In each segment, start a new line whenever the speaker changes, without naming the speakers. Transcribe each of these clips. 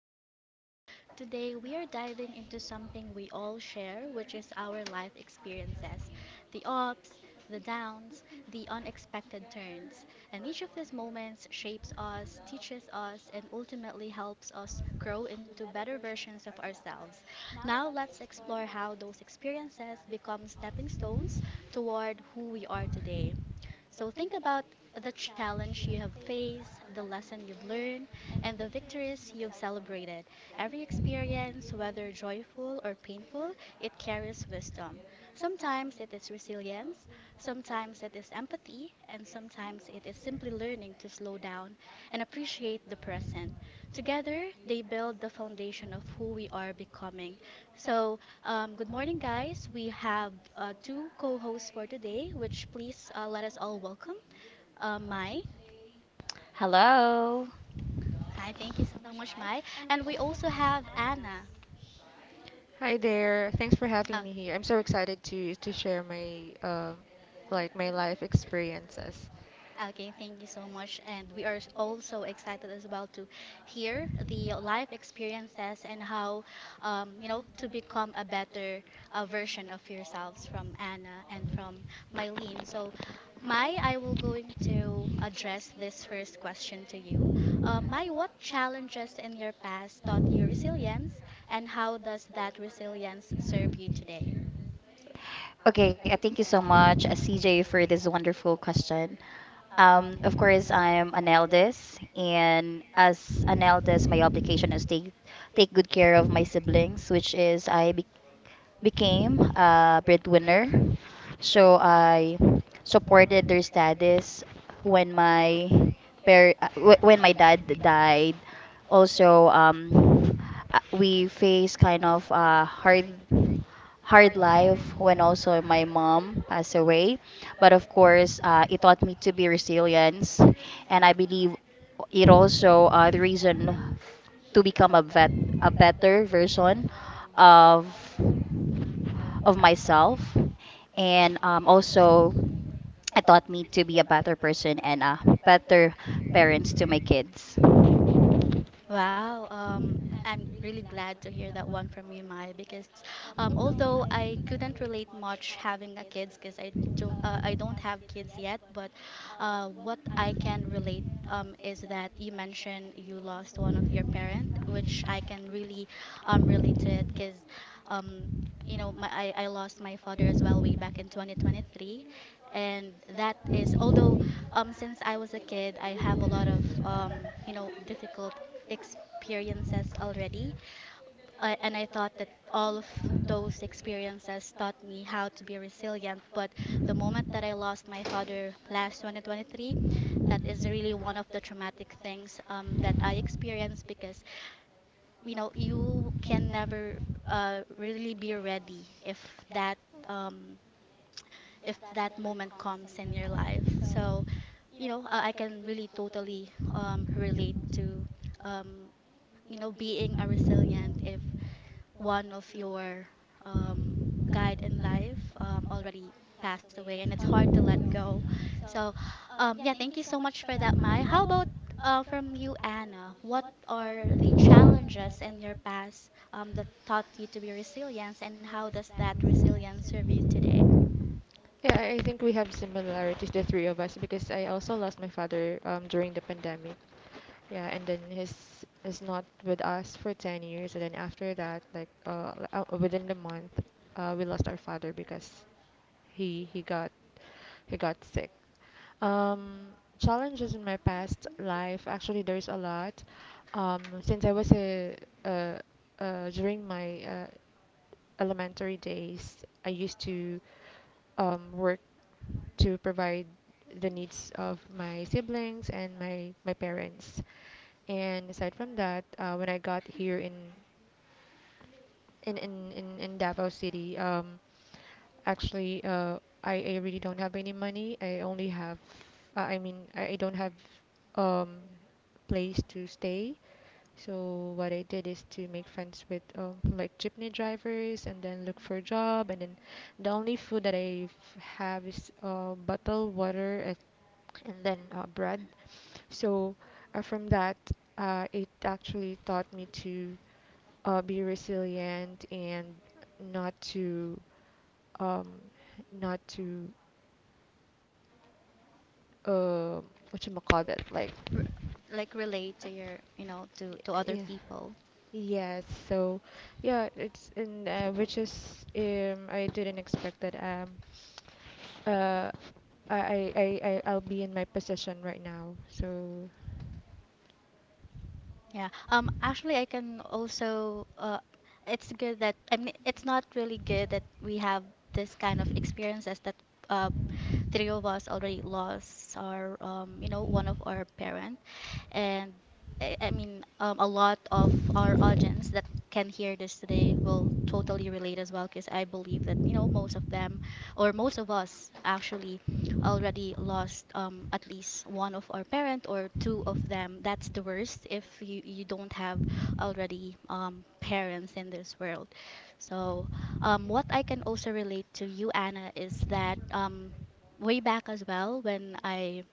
back to the show. Today, we are diving into something we all share, which is our life experiences, the ups, the downs, the unexpected turns. And each of these moments shapes us, teaches us, and ultimately helps us grow into better versions of ourselves. Now, let's explore how those experiences become stepping stones toward who we are today. So think about the challenge you have faced, the lesson you've learned, and the victories you've celebrated. Every experience, whether joyful or painful, it carries wisdom. Sometimes it is resilience, sometimes it is empathy, and sometimes it is simply learning to slow down and appreciate the present. Together, they build the foundation of who we are becoming. So, good morning, guys. We have two co hosts for today, which please let us all welcome Mai.
Hello.
Hi, thank you so much, Mai. And we also have Anna.
Hi there. Thanks for having
Oh.
me here. I'm so excited to share my my life experiences.
Okay, thank you so much. And we are also excited as well to hear the life experiences and how, to become a better version of yourselves from Anna and from Mylene. So, Mai, I will going to address this first question to you. Mai, what challenges in your past taught you resilience, and how does that resilience serve you today?
Okay,
Okay, I
thank you
thank you
so
so
much,
much,
CJ,
CJ,
for
for
this
this
wonderful
wonderful
question.
question.
Of
Of
course,
course,
I am
I'm an
an
eldest,
and
and
as
as
an
an
I always
eldest, my obligation is
take
take good
care
care
of
of my
my siblings,
siblings,
which
which
is
is
I
I became
became
a breadwinner.
so
So I
supported
supported
their
their
status
status
when
when
my
my
uh, when
when
my
my
dad
dad
died.
died. Also, we faced kind of a hard
Hard
hard
life
life
when
when
also
also
my
my
mom
mom
was
passed
sick.
away.
But
But
of
of
course,
course, it
I
taught me to be
resilient
resilience,
and
and
I
I believe
it
it also
also
the
brings up
reason
to
to
become
become
a
a
better
better
version
version
of,
of
of
of
myself
myself,
and
and
also
also
I
it
thought
taught
me
me to be
to
a better
listen
person
and
and a better
parents
parents
to
to
my
my
kids.
kids.
Wow, I'm really glad to hear that one from you, Mai, because although I couldn't relate much having a kids because I don't I don't have kids yet, but what I can relate is that you mentioned you lost one of your parent, which I can really relate to it because um, my, I lost my father as well way back in 2023, and that is although, since I was a kid, I have a lot of difficult experiences already. And I thought that all of those experiences taught me how to be resilient. But the moment that I lost my father last 2023, that is really one of the traumatic things that I experienced because, you can never really be ready if that. Um, if that moment comes in your life. So, I can really totally relate to um, being a resilient if one of your guide in life already passed away, and it's hard to let go. So, yeah, thank you so much for that, Mai. How about from you, Anna, what are the challenges in your past that taught you to be resilient, and how does that resilience serve you today?
Yeah, I think we have similarities, the three of us, because I also lost my father during the pandemic. Yeah, and then he's not with us for 10 years, and then after that, within the month, we lost our father because he he got he got sick. Um, Challenges in my past life, actually, there's a lot. Since I was a, during my elementary days, I used to work to provide the needs of my siblings and my parents. And aside from that, when I got here in Davao City. Actually, uh, I really don't have any money. I only have, I mean, I don't have um place to stay. So what I did is to make friends with like jeepney drivers and then look for a job, and then the only food that I have is bottled water and then bread. So from that, it actually taught me to be resilient and not to um, not to uh, whatchamacallit, like,
R- like relate to your to other
yeah.
people.
Yes, so yeah, it's in which is I didn't expect that uh I'll be in my position right now. So
Yeah. Actually, I can also. It's good that, I mean, it's not really good that we have this kind of experiences, that uh, three of us already lost our one of our parent, and I mean, a lot of our audience that can hear this today will totally relate as well, because I believe that most of them, or most of us actually, already lost, at least one of our parent or two of them. That's the worst, if you don't have already parents in this world. So, what I can also relate to you, Anna, is that way back as well, when I,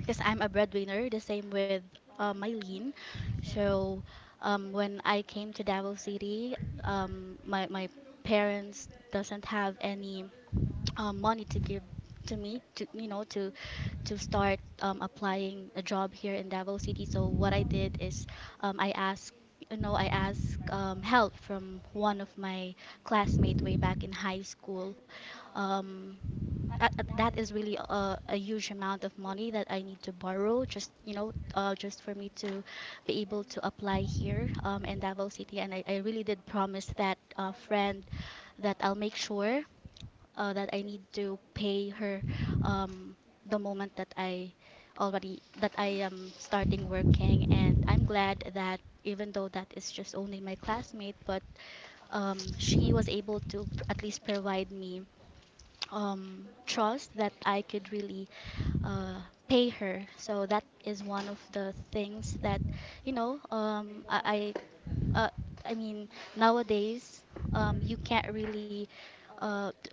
because I'm a breadwinner, the same with Mylene. So, when I came to Davao City, my parents doesn't have any money to give to me to to start applying a job here in Davao City. So what I did is, um, I asked I asked help from one of my classmates way back in high school. Um, that is really a huge amount of money that I need to borrow, just just for me to be able to apply here in Davao City, and I really did promise that friend that I'll make sure, that I need to pay her um, the moment that I already that I am starting working, and I'm glad that, even though that is just only my classmate, but she was able to at least provide me trust that I could really uh, pay her. So that is one of the things that you know um, I, I uh, I mean, nowadays you can't really uh, th-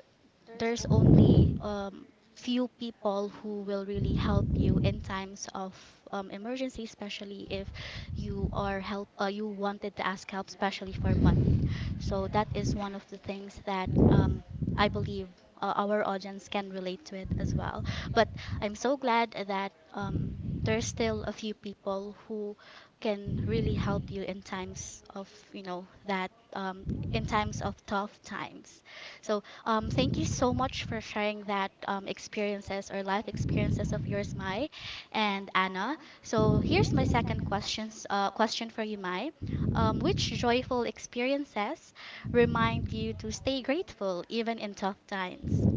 there's only few people who will really help you in times of emergency, especially if you wanted to ask help, especially for money. So that is one of the things that, I believe, our audience can relate to it as well. But I'm so glad that there's still a few people who can really help you in times of, you know that in times of tough times. So, thank you so much for sharing that, experiences or life experiences of yours, Mai and Anna. So here's my second question for you, Mai. Which joyful experiences remind you to stay grateful even in tough times?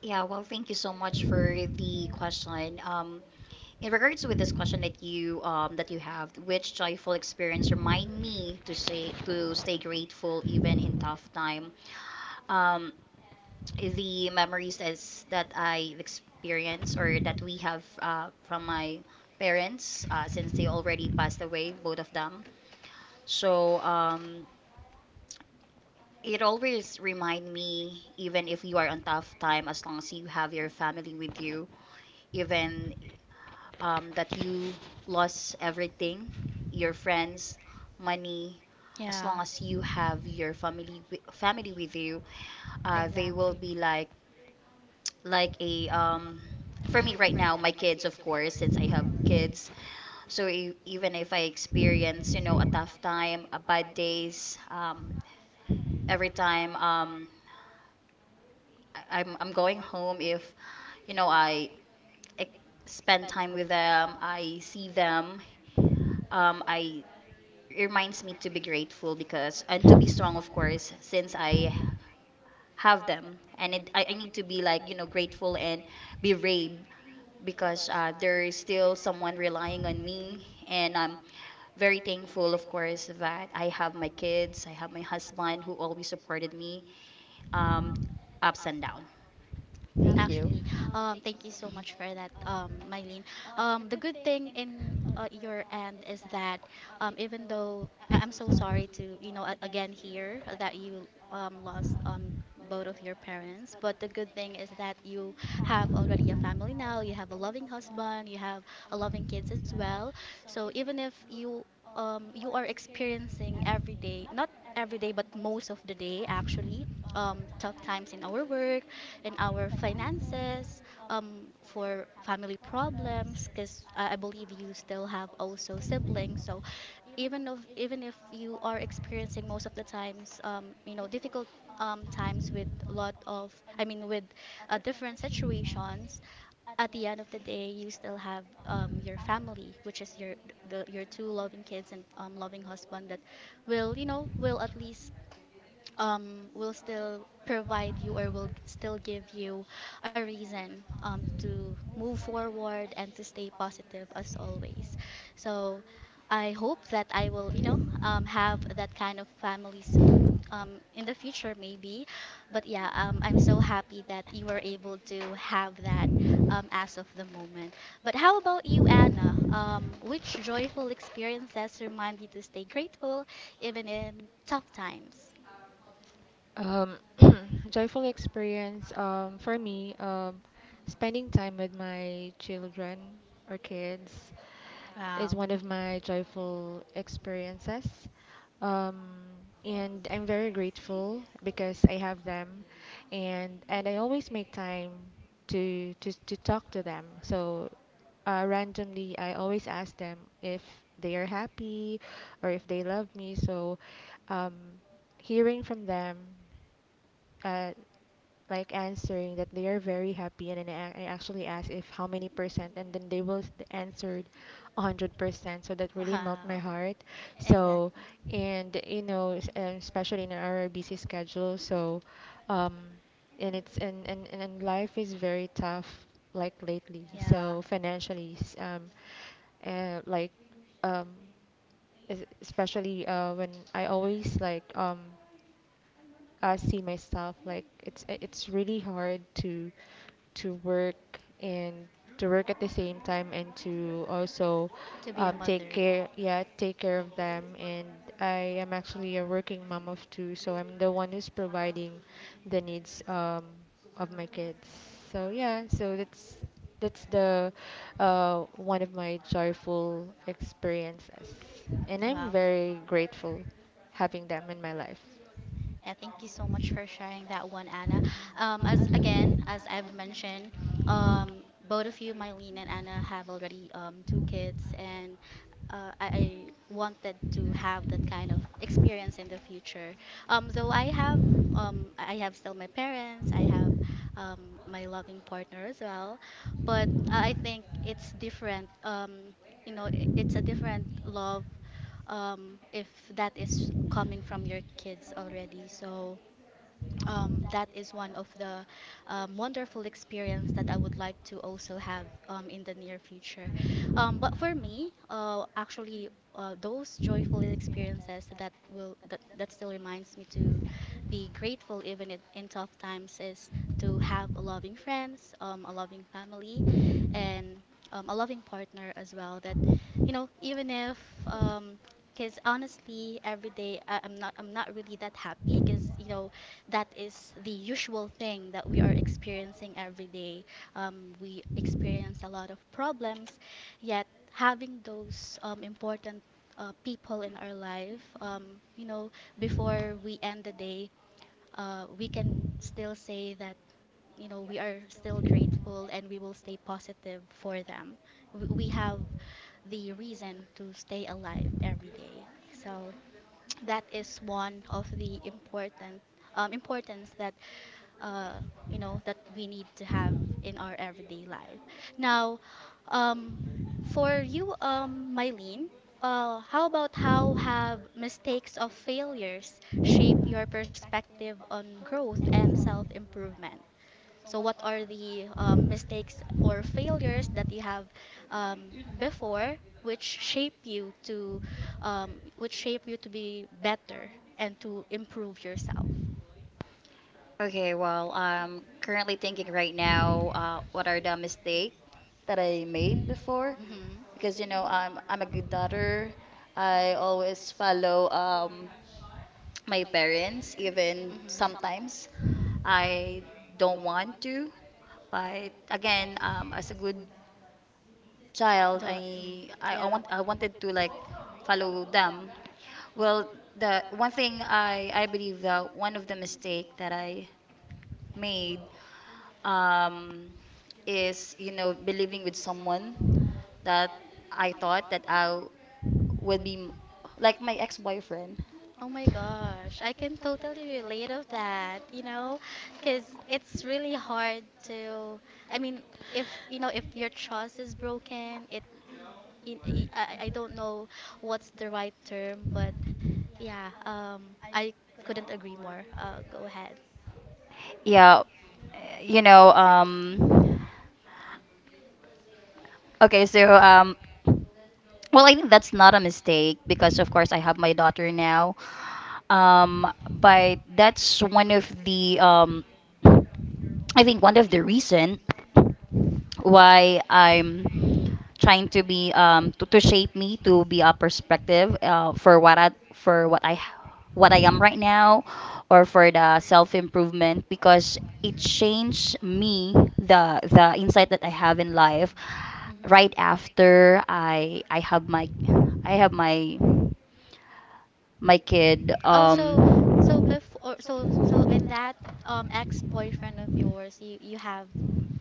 Yeah, well, thank you so much for the question. In
in
regards
regards
with
with
this
this
question
question
that you um, that
that
you
you
have,
have, which
which joyful
joyful
experience
experience
remind
remind me
me to
to say
say
to
to stay
stay grateful
grateful even in
even in tough
tough
time?
time? Um,
Um,
the
the
memories
memories as
as that
that I
I experienced
experienced or
or that
that
we
we
have
have
from
from my
my
parents,
parents, since
since
they
they
already
already
passed
passed away,
away, both
both
of
of
them.
them. So
So
um,
it
it always
always remind
reminds me,
me, even
even
if
if
you
you
are
are
on
on tough
tough time,
time, as
as long
long
as
as
you
you
have
have
your
your
family
family
with
with you,
you,
even
even that
that
you
you
lost
lost everything,
everything, your
your friends,
friends,
money,
money, as long
Yeah,
long
as
as
you
you have
have your
your
family
family
with
with you,
you, they
they
will
will
exactly.
be
be
like
like
a
a for
for
me
me right
right
now,
now,
my
my
kids,
kids, of
of course,
course,
since I
since I
have
have kids.
kids. So
So
e-
e
even
even
if
if
I
I experience,
experience, you
you
know,
know,
a
a tough
tough
time,
time, a
a bad
bad
days,
days,
um,
every
every
time.
time
Um, I- I'm I'm
I'm
going
going
home
home
if
if,
you
you
know
know,
I, I
I
spend
spend
time
time
with
with them,
them,
I
I see
see them,
them.
I,
I it
it reminds
reminds me
me
to
to
be
be
grateful
grateful because
because and to
I'm
be strong,
strong,
of
of course,
course, since
since I
I
have
have
them,
them, and
and it,
it, I I
I
need
need
to
to
be
be like
like you
you
know
know
grateful
grateful and
and be
be
brave
brave
because,
because
there is
there's
still
still
someone
someone
relying
relying on
on
me,
me,
and
and I'm
I'm
very
very
thankful,
thankful,
of
of
course,
course, that
that I
I
have
have
my
my kids.
kids, I
I
have
have
my
my
husband
husband
who
who
always
always
supported
supported
me,
me
um,
um,
ups
ups
and
and
down.
down.
Thank you.
Actually, thank you so much for that, Mylene. The good thing in your end is that, even though I'm so sorry to, again hear that you lost, both of your parents, but the good thing is that you have already a family now, you have a loving husband, you have a loving kids as well. So even if you are experiencing every day, not every day, but most of the day actually, tough times in our work, in our finances, for family problems. Because I believe you still have also siblings, so even if you are experiencing most of the times, difficult times with a lot of, I mean, with different situations. At the end of the day, you still have your family, which is your two loving kids and loving husband that will, will at least, will still provide you or will still give you a reason, to move forward and to stay positive as always. So I hope that I will, have that kind of family soon, in the future, maybe. But yeah, I'm so happy that you were able to have that, as of the moment. But how about you, Anna? Which joyful experiences remind you to stay grateful even in tough times?
Um, Joyful experience for me, spending time with my children or kids
Wow.
is one of my joyful experiences. Um, and I'm very grateful because I have them, and I always make time to talk to them. So randomly, I always ask them if they are happy or if they love me. So, um, hearing from them uh, like answering that they are very happy, and then I I actually asked if how many percent, and then they answered 100% so that really melt
Wow.
my heart. So
Exactly.
and you know especially in our busy schedule, so um and it's and life is very tough like lately,
Yeah.
so financially uh, like um especially when I always I see myself like it's really hard to work and to work at the same time and to also
To be a
take
mother.
care, yeah, take care of them. And I am actually a working mom of two, so I'm the one who's providing the needs of my kids. So yeah, so that's the one of my joyful experiences, and I'm
Wow.
very grateful having them in my life.
Yeah, thank you so much for sharing that one, Anna. As again, as I've mentioned, both of you, Mylene and Anna, have already two kids, and I wanted to have that kind of experience in the future. Though I have still my parents, I have my loving partner as well, but I think it's different. It's a different love, if that is coming from your kids already. So, that is one of the, wonderful experience that I would like to also have in the near future. But for me, actually, those joyful experiences that still reminds me to be grateful, even in tough times, is to have a loving friends, a loving family, and a loving partner as well. That, even if um, because honestly every day I'm not really that happy because that is the usual thing that we are experiencing every day. We experience a lot of problems, yet having those important people in our life, before we end the day, we can still say that, we are still grateful and we will stay positive for them. We have the reason to stay alive every day. So that is one of the important, importance that, uh, that we need to have in our everyday life. Now, um, for you, Mylene, how have mistakes of failures shape your perspective on growth and self improvement? So, what are the mistakes or failures that you have um, before, which shape you to, which shape you to be better and to improve yourself?
So okay,
Okay,
well,
well,
I'm
I'm
currently
currently
thinking
thinking
right
right
now,
now,
what
what
are
are
the
the mistake
mistakes that
that
I
I made
made before?
before
Hmm.
Well, because
because
you
you
know,
know I'm
I'm
a
a good
good
daughter.
daughter. I
I always
always
follow.
follow
My
my
parents,
parents,
even
even
sometimes
Hmm.
sometimes
I
I don't
don't want
want
to.
to.
But
But
again,
again,
as
as
a
a good
good
The,
child,
child,
I
and mm,
I
yeah.
want I
I wanted
wanted
to
to
like
like
follow
follow
them.
them.
Well,
Well,
the
the one
one thing
thing I
I
I
believe
believe
that
that
one
one
of
of
the
the mistake
mistakes
that
that I
I
made
made,
um,
um,
is,
is you
you know,
know
believing
believing with
with someone
someone
that
that
I
I
thought
thought
that
that
I
I
will
would be
be like
like
my
my
ex-boyfriend.
ex-boyfriend.
Oh my gosh, I can totally relate of that, because it's really hard to. I mean, if your trust is broken, it. In, I don't know what's the right term, but yeah, I couldn't agree more. Go ahead.
Yeah.
Yeah, you know.
um, ag-
Okay, so um, well,
well,
I think that's not a mistake
because
because of
of course,
course I have my daughter now.
um,
Um,
by, I
but that's one
was
of
really,
the I
like
think one of the
trying
reason
to do
why I'm
uh,
trying to to shape me to be a perspective, for
I what
what
I
I
am
am right
right now
now or for the self improvement
because
because it
change
changed
me
me the insight that I have
having
in life
Hmm.
right
right after
I have my
I
I
have
have my
my
kid.
kid
Oh,
um.
so before so in that ex-boyfriend of yours, you have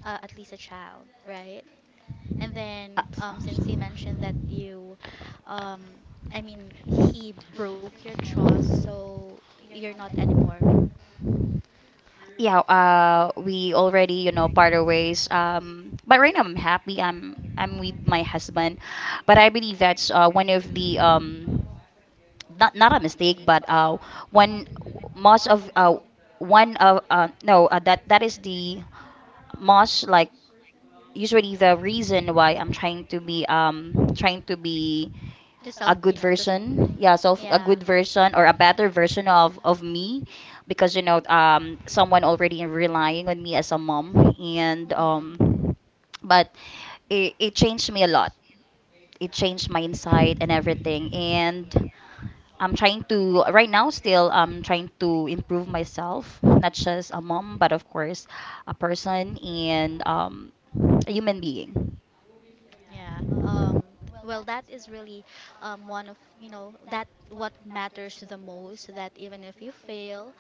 at least a child, right? And then since you mentioned that you um I mean he broke your trust, so you're not anymore
Yeah,
We
we
already
already, you
you know
know,
part
part our
of ways.
ways.
um
But right now I'm
I'm,
happy. I'm
I
with
mean my
my
husband,
husband. But
but
I
I
believe that's, one
have
of
the
the not not a mistake, but
when money is
one
based much,
most of one of no, that that is
usually
the most like usually
the
the
reason
reason why
why
I'm
I'm trying
trying
to
to
um, be
be
to self,
a
you
good
know, to.
version, yeah, so a
Yeah.
good version or a better version of
of
of
me,
me because you know
um, someone
someone
already
already
enriched
relying on me as a mom
me,
and
and
Mhm.
but it changed me a lot,
it
it
changed
changed my
my life
insight and
and
everything,
everything.
and I'm trying to right now still I'm trying to improve myself, not just a mom, but of course a person
And
and, a human being.
and
Yeah. Well, that is really one of, that what matters the most, so that even if you fail,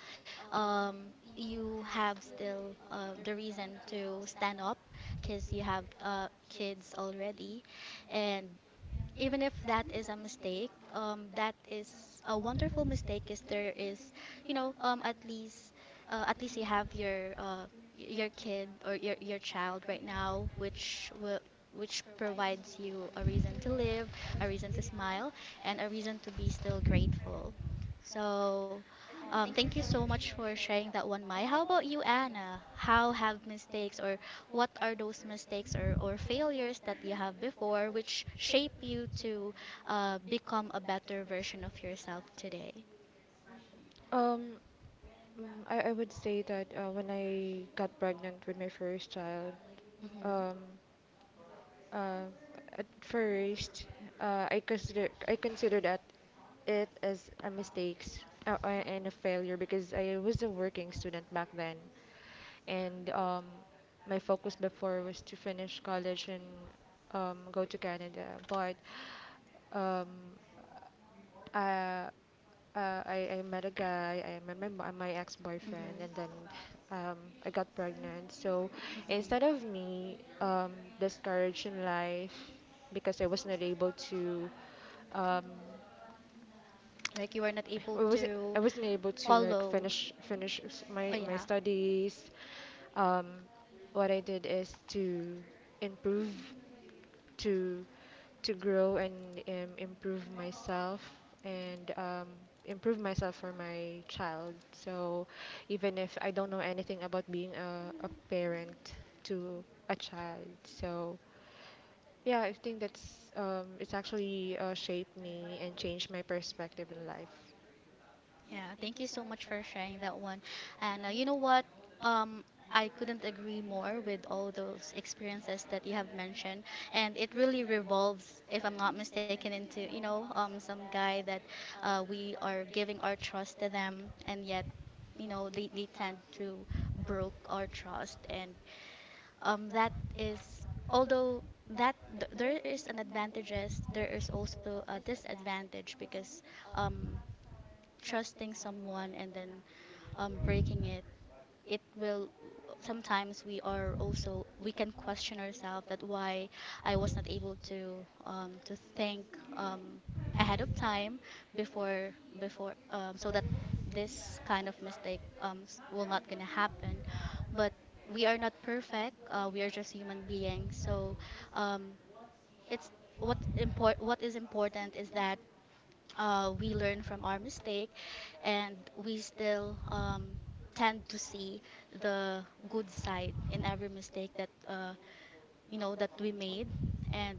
you have still the reason to stand up because you have kids already. And even if that is a mistake, that is a wonderful mistake. Is there is, you know, at least you have your kid or your child right now, which provides you a reason to live, a reason to smile, and a reason to be still grateful. So thank you so much for sharing that one, Mai. How about you, Anna? How have mistakes, or what are those mistakes or failures that you have before, which shape you to become a better version of yourself today?
Um, I would say that when I got pregnant with my first child, um,
Hmm.
uh, at first, I consider that it as a mistake and a failure because I was a working student back then, and my focus before was to finish college and go to Canada. But um, uh, I met a guy, I met my
Hmm.
ex-boyfriend, and then um, I got pregnant. So instead
Hmm.
of me discouraged in life because I was not able to, um,
Like you were not
I
able
was I
to
wasn't able to like
follow.
my
Oh,
my
yeah.
studies. Um, what I did is to improve to to grow and and um, improve myself for my child. So even if I don't know anything about being a parent to a child. So yeah, I think that's it's actually shaped me and changed my perspective in life.
Yeah, thank you so much for sharing that one. And you know what? Um, I couldn't agree more with all those experiences that you have mentioned, and it really revolves, if I'm not mistaken, into some guy that we are giving our trust to them, and yet they tend to broke our trust, and that is, although that there is an advantages, there is also a disadvantage because um, trusting someone and then breaking it will, sometimes we are also, we can question ourselves that why I was not able to to think um, ahead of time before so that this kind of mistake will not gonna happen, but we are not perfect, we are just human beings. So um, it's what is important is that we learn from our mistake, and we still tend to see the good side in every mistake that you know that we made, and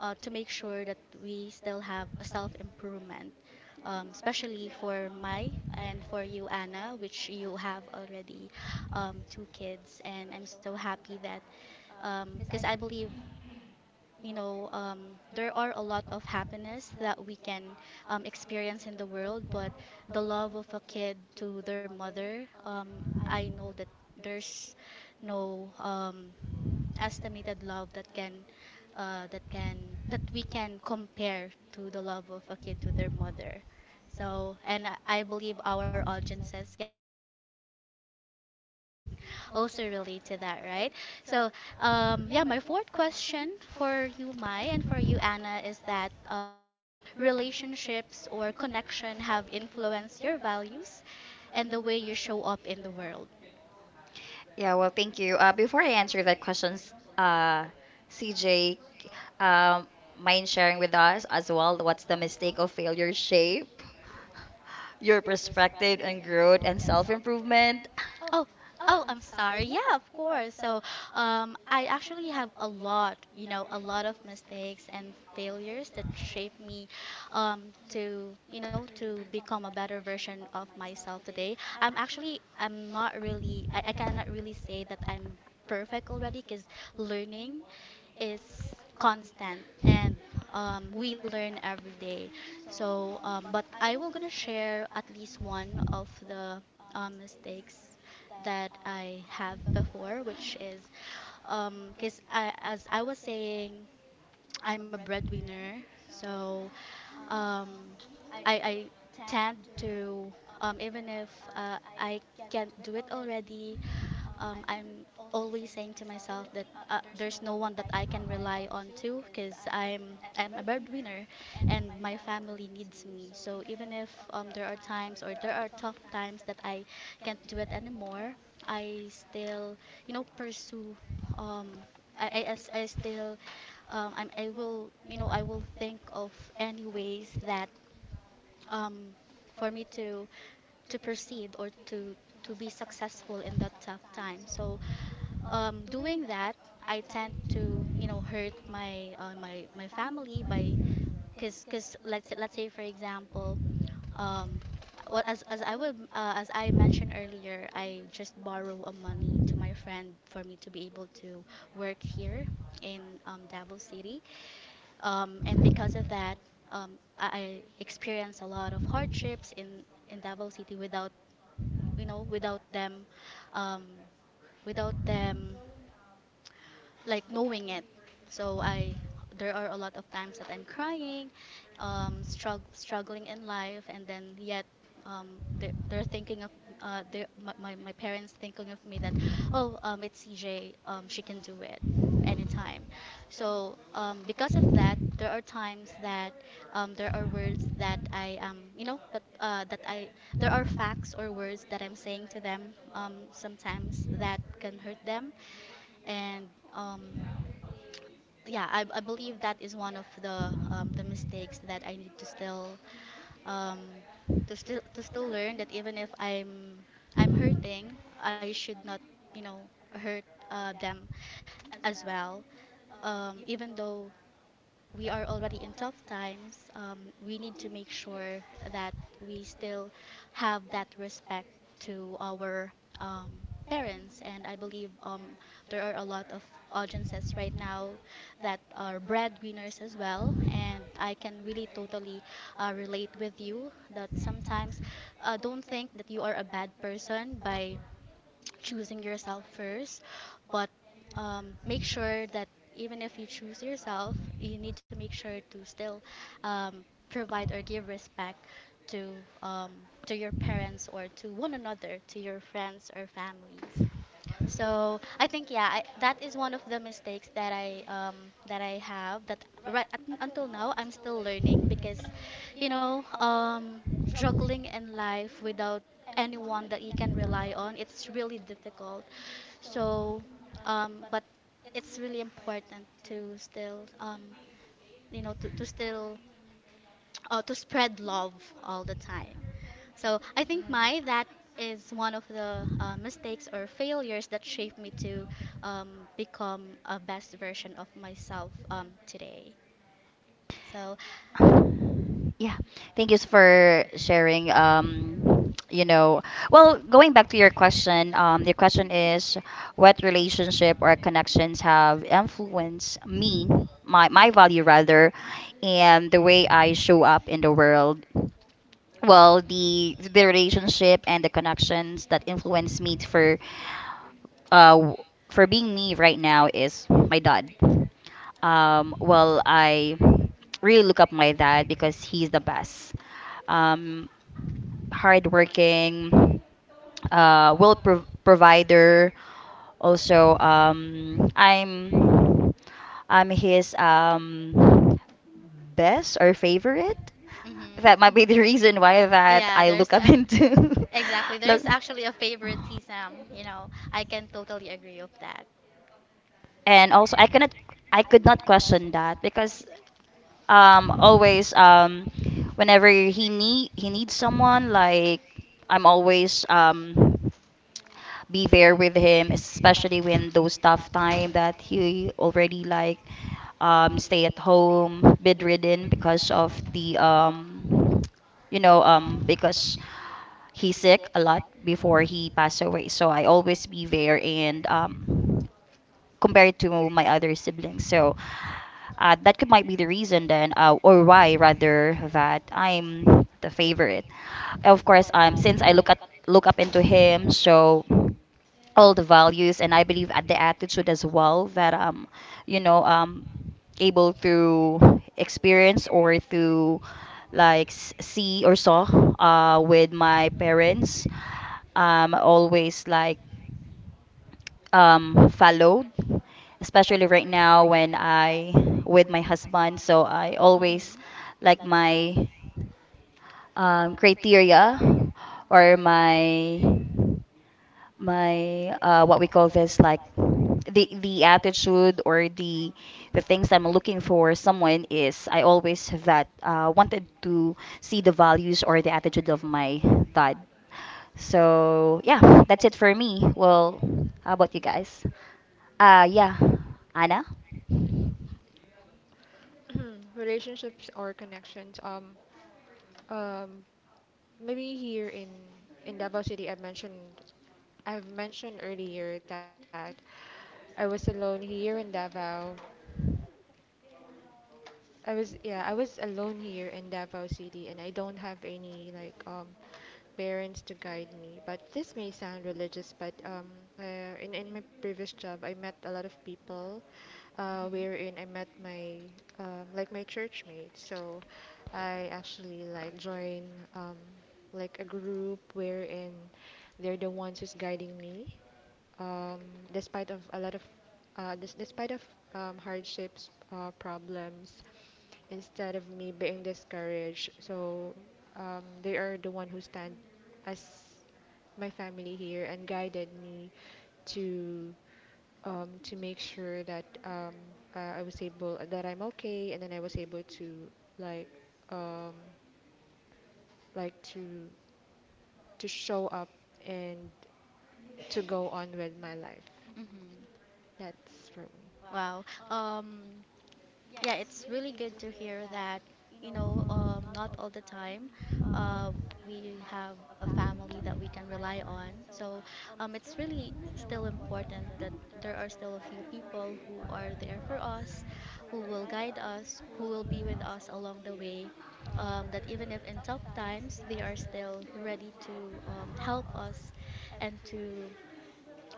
to make sure that we still have a self improvement, especially for my and for you, anna, which you have already two kids, and I'm so happy that because I believe there are a lot of happiness that we can experience in the world, but the love of a kid to their mother, I know that there's no estimated love that we can compare to the love of a kid to their mother. So, and I believe our audiences can, our mothers out there can also relate to that, right? So yeah, my fourth question for you, mai, and for you, anna, is that what relationships or connection have influenced your values and the way you show up in the world.
Yeah,
Yeah,
well,
well,
thank
thank
you.
you.
Before
Before
I
I
answer
answer
that
that
question,
question, uh,
uh,
CJ,
CJ,
um,
um, mind
mind
sharing
sharing
with
with
us
us as
as well
well
what's
what's
the
the mistake
mistake of
of
failure
failure shape?
shape,
Your
your perspective
perspective and
and growth
growth
and
and
self
self improvement.
improvement?
Oh, oh, I'm sorry. Yeah, of course. So, I actually have a lot, you know, a lot of mistakes and failures that shaped me, to become a better version of myself today. I'm actually, I'm not really, I cannot really say that I'm perfect already because learning is constant, and we learn every day. So, but I will gonna share at least one of the mistakes that I have before, which is because I, as I was saying, I'm a breadwinner, so um, I tend to even if, I can't do it already, I'm always saying to myself that there's no one that I can rely on to because I'm a breadwinner, and my family needs me. So even if there are times or there are tough times that I can't do it anymore, I still pursue. Um, I still I'm, I will, you know, I will think of any ways that, um, for me to proceed or to be successful in that tough time. So doing that, I tend to hurt my my family by, cause let's say for example, um, what as I would as I mentioned earlier, I just borrow a money to my friend for me to be able to work here in Davao City, and because of that, I experienced a lot of hardships in Davao City without, them, um, without them like knowing it. So I there are a lot of times that I'm crying, struggling in life, and then yet they're thinking of, they're, my parents thinking of me that, oh, it's CJ, she can do it anytime. So because of that, there are times that there are words that I you know that that I there are facts or words that I'm saying to them, sometimes, that can hurt them, and um, yeah, I believe that is one of the mistakes that I need to still um, to still to still learn, that even if I'm hurting, I should not you know hurt them as well. Even though we are already in tough times, we need to make sure that we still have that respect to our, um, parents. And I believe there are a lot of audiences right now that are breadwinners as well. And I can really totally, relate with you that sometimes, don't think that you are a bad person by choosing yourself first, but make sure that even if you choose yourself, you need to make sure to still, um, provide or give respect to, um, to your parents or to one another, to your friends or families. So I think, yeah, that is one of the mistakes that I have that right at, until now, I'm still learning because, you know, um juggling in life without anyone that you can rely on, it's really difficult. So, but it's really important to still you know to still to spread love all the time. So I think my that is one of the mistakes or failures that shaped me to become a best version of myself, today. So,
Yeah,
Thank
thank
you
you
for
for
sharing.
sharing.
Um,
You
you
you
know,
know,
know,
well,
well,
going
going
back
back
to
to
your
question,
question,
your
because
question
question
is
is what
relationship
relationship or
our
or
connections
connections
have
have
connections
influenced
influenced
me,
me, my
my
matter,
my
my
mhm.
value rather,
life, and
and
and
the
the
the
way
way
way
I
I
I show,
should.
show up in the world. Well,
well,
the
the leadership
relationship and the connections
actions that
that influence
influence
me
me
for,
uh,
uh,
for
for
being
being me
me
right
right now
now
is
is my dad. Um,
well,
well,
I
I really
read
look up my dad
that because
because
he
he's the
was
best, um,
um,
hardworking,
hardworking.
provider.
Also,
Also,
um, I'm
I'm
his
his
best
best or
friend.
favorite.
That
That
That's
might
might be.
be
Mhm.
the
The
reason
reason
why
why
why
that.
I
that
Yeah, I
I
there's
look up
a, became.
into.
Exactly,
Look,
there's actually a favoritism. You know, I can totally agree with that.
and
and
also
also
I connect
I could not question that because
always
always
whenever
whenever
he
he needs
needs someone
someone
like
like I'm always be there
with
with him,
him,
especially
especially during
when those
the
tough
lockdown
time
that
that
we
he
already
already
like
like
stay
stay
at
at
home
home
rhythm
bedridden
because
because
of
of the
the um,
you
you
know
know because
because
he's
he's
sick
sick a
a lot
lot
before
before
he
he
passed
passed
away.
away,
So
so I always be
we
there
were in
and compared to my other siblings.
so
So, that could might be the reason then, or
why
why
rather that I'm here.
rather that I'm the favorite.
Uh,
Of course,
and since
since
I
I look at
look
look up
at up
into
into him
him, so all the
always,
values
and
and
I
I
believe
believe
at
at
the
the
end
attitude as well that you know,
um,
able through experience or through
like
like see or saw, uh, with
my
my
parents.
parents always
Like
like
or my
followed,
parents.
especially right now when I with my husband. So I
So
always like my, criteria or my, what we call this like the attitude or the things I'm looking for someone is I always have that, wanted to see the values or the attitude of my dad. So yeah, that's it for me. Well, how
well,
about you guys?
I was
Yeah, Anna.
Anna. Relationships or connections. Um, Maybe here in Davao City, I've mentioned earlier that I was alone here in Davao. I was, yeah, I was alone here in Davao City, and I don't have any like parents to guide me. But this may sound religious, but in my previous job, I met a lot of people
Mm-hmm. Mm-hmm.
wherein I met my like my church mate. So I actually like join um, like a group wherein they're the ones who's guiding me um, despite of a lot of despite of hardships, problems, instead of me being discouraged. So they are the one who stand as my family here and guided me to to make sure that I was able that I'm okay, and then I was able to like um, like to to show up and to go on with my life.
Mm-hmm.
That's for
Wow. Um, yeah, it's really good to hear that, not all the time, uh, we have a family that we can rely on. So it's really still important that there are still a few people who are there for us, who will guide us, who will be with us along the way. That even if in tough times, they are still ready to, help us, and to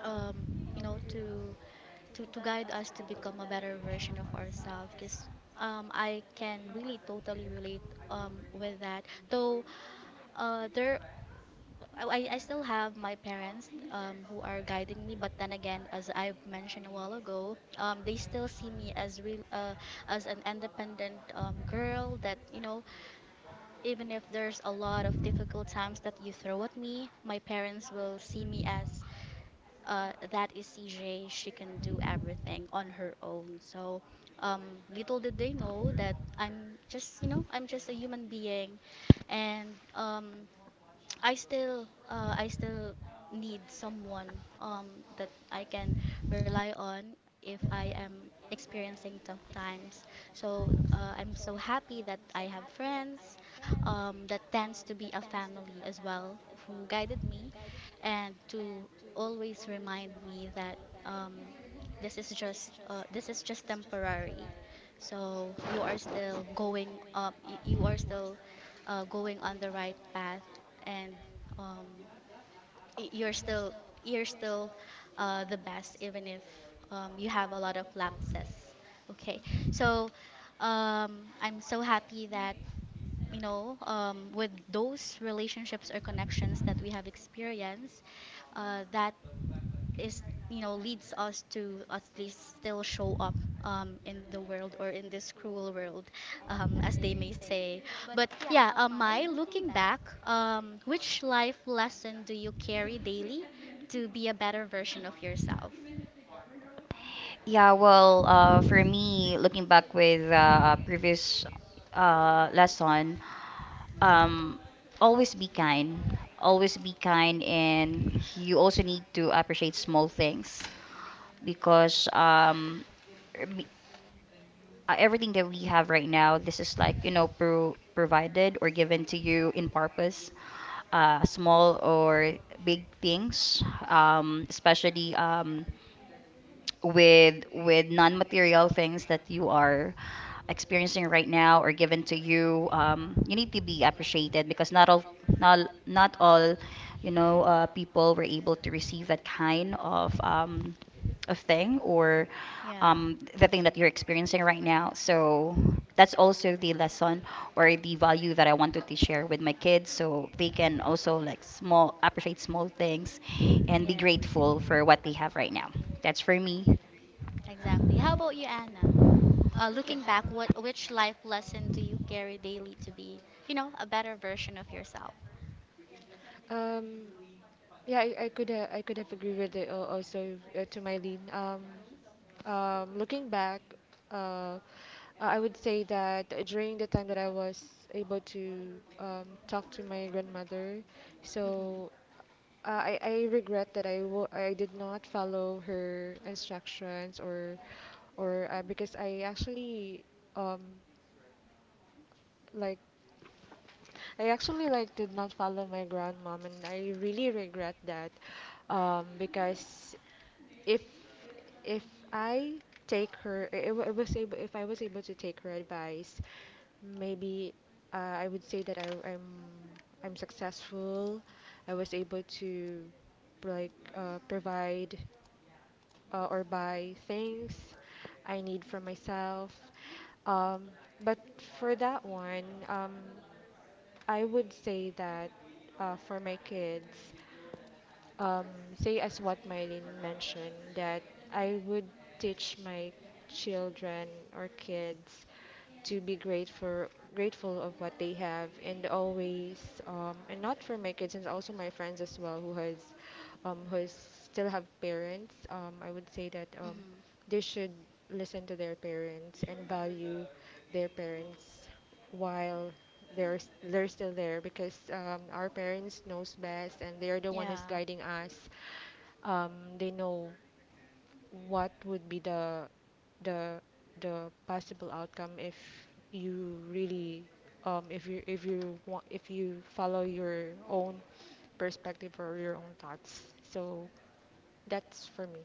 um, you know, to guide us to become a better version of ourselves. Because I can really totally relate, with that. Though uh, there, I still have my parents, who are guiding me. But then again, as I've mentioned a while ago, they still see me as real, as an independent, girl. Even if there's a lot of difficult times that you throw at me, my parents will see me as, that is, CJ. She can do everything on her own. So little did they know that I'm just a human being, and I still I still need someone, that I can rely on if I am experiencing tough times. So I'm so happy that I have friends, that tends to be a family as well, who guided me and to always remind me that, um, this is just, this is just temporary. So you are still going up. You are still, going on the right path, and um, y- you're still you're still, the best, even if you have a lot of lapses, okay, so I'm so happy that, with those relationships or connections that we have experienced, that is you know leads us to at least still show up, in the world or in this cruel world, as they may say, but yeah, my looking back, which life lesson do you carry daily to be a better version of yourself?
Yeah, well, for me, looking back with previous, lesson, um, always be kind. Always be kind, and you also need to appreciate small things because be-
me. Million
everything that we have right now, this
because
is like,
like
you
you
know,
know for
provided or
given
given to
to you
you in
in office
purpose, small
small or
or
big
big
things
things,
um with
especially.
with
With
material
non-material
things
things that you
are
are experiencing
experiencing
right now or
are given
given to
to you
you
um
you
they
need
need
to
to be
be
appreciated
appreciated because
because not,
not,
not
not
all
all you
you
know,
know
people
people
were
are
able
able
to
to receive
receive
that
that
kind
kind of
of thing
thing
or
or
Yeah.
the thing that you're
your experience.
experiencing right now. So
So
that's also the
lesson
lesson
or
or
a
the value
value
that
that
I
I want to
wanted to
teach
share with my
my kids
kids,
so
so they
they can
can also like
also
small appreciate small things and
and
be
be
Yes.
grateful
grateful
for
for what
what
they have
I
right now.
have.
That's
It's for
for
me.
me.
Exactly. How about you, anna? Looking back, what which life lesson do you carry daily to be a better version of yourself?
Um, yeah, I could have agreed with it also to Mylene. Looking back, uh, I would say that during the time that I was able to talk to my grandmother.
Mm-hmm.
So uh, I regret that I I did not follow her instructions or because I actually um, like. I actually like did not follow my grandmom, and I really regret that, because if if I take her, I was able if I was able to take her advice, maybe I would say that I'm I'm successful. I was able to like provide or buy things I need for myself. Um, but for that one, I would say that for my kids, um, say as what Mylene mentioned, that I would teach my children or kids to be grateful of what they have and always and not for my kids and also my friends as well who has who is still have parents, I would say that
Mm-hmm.
they should listen to their parents and value their parents while they're still there because our parents knows best and they're the one who's
Yeah.
guiding us, um, they know what would be the the the possible outcome if you really if you want if you follow your own perspective or your own thoughts. So that's for me.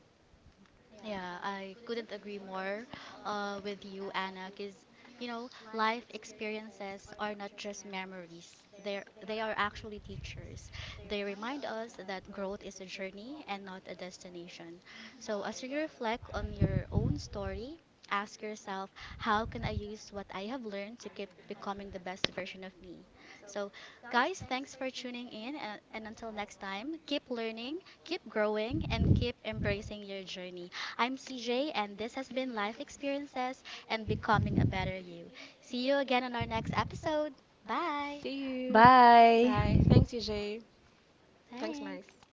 Yeah, I couldn't agree more, with you, Anna, because life experiences are not just memories. They are actually teachers. They remind us that growth is a journey and not a destination. So as you reflect on your own story, ask yourself, how can I use what I have learned to keep becoming the best version of me? So, guys, thanks for tuning in, and, until next time, keep learning, keep growing, and keep embracing your journey. I'm CJ, and this has been Life Experiences and Becoming a Better You. See you again on our next episode. Bye.
See you, bye. Bye.
Bye.
Thanks, EJ. Thanks,
Thanks.
Mike.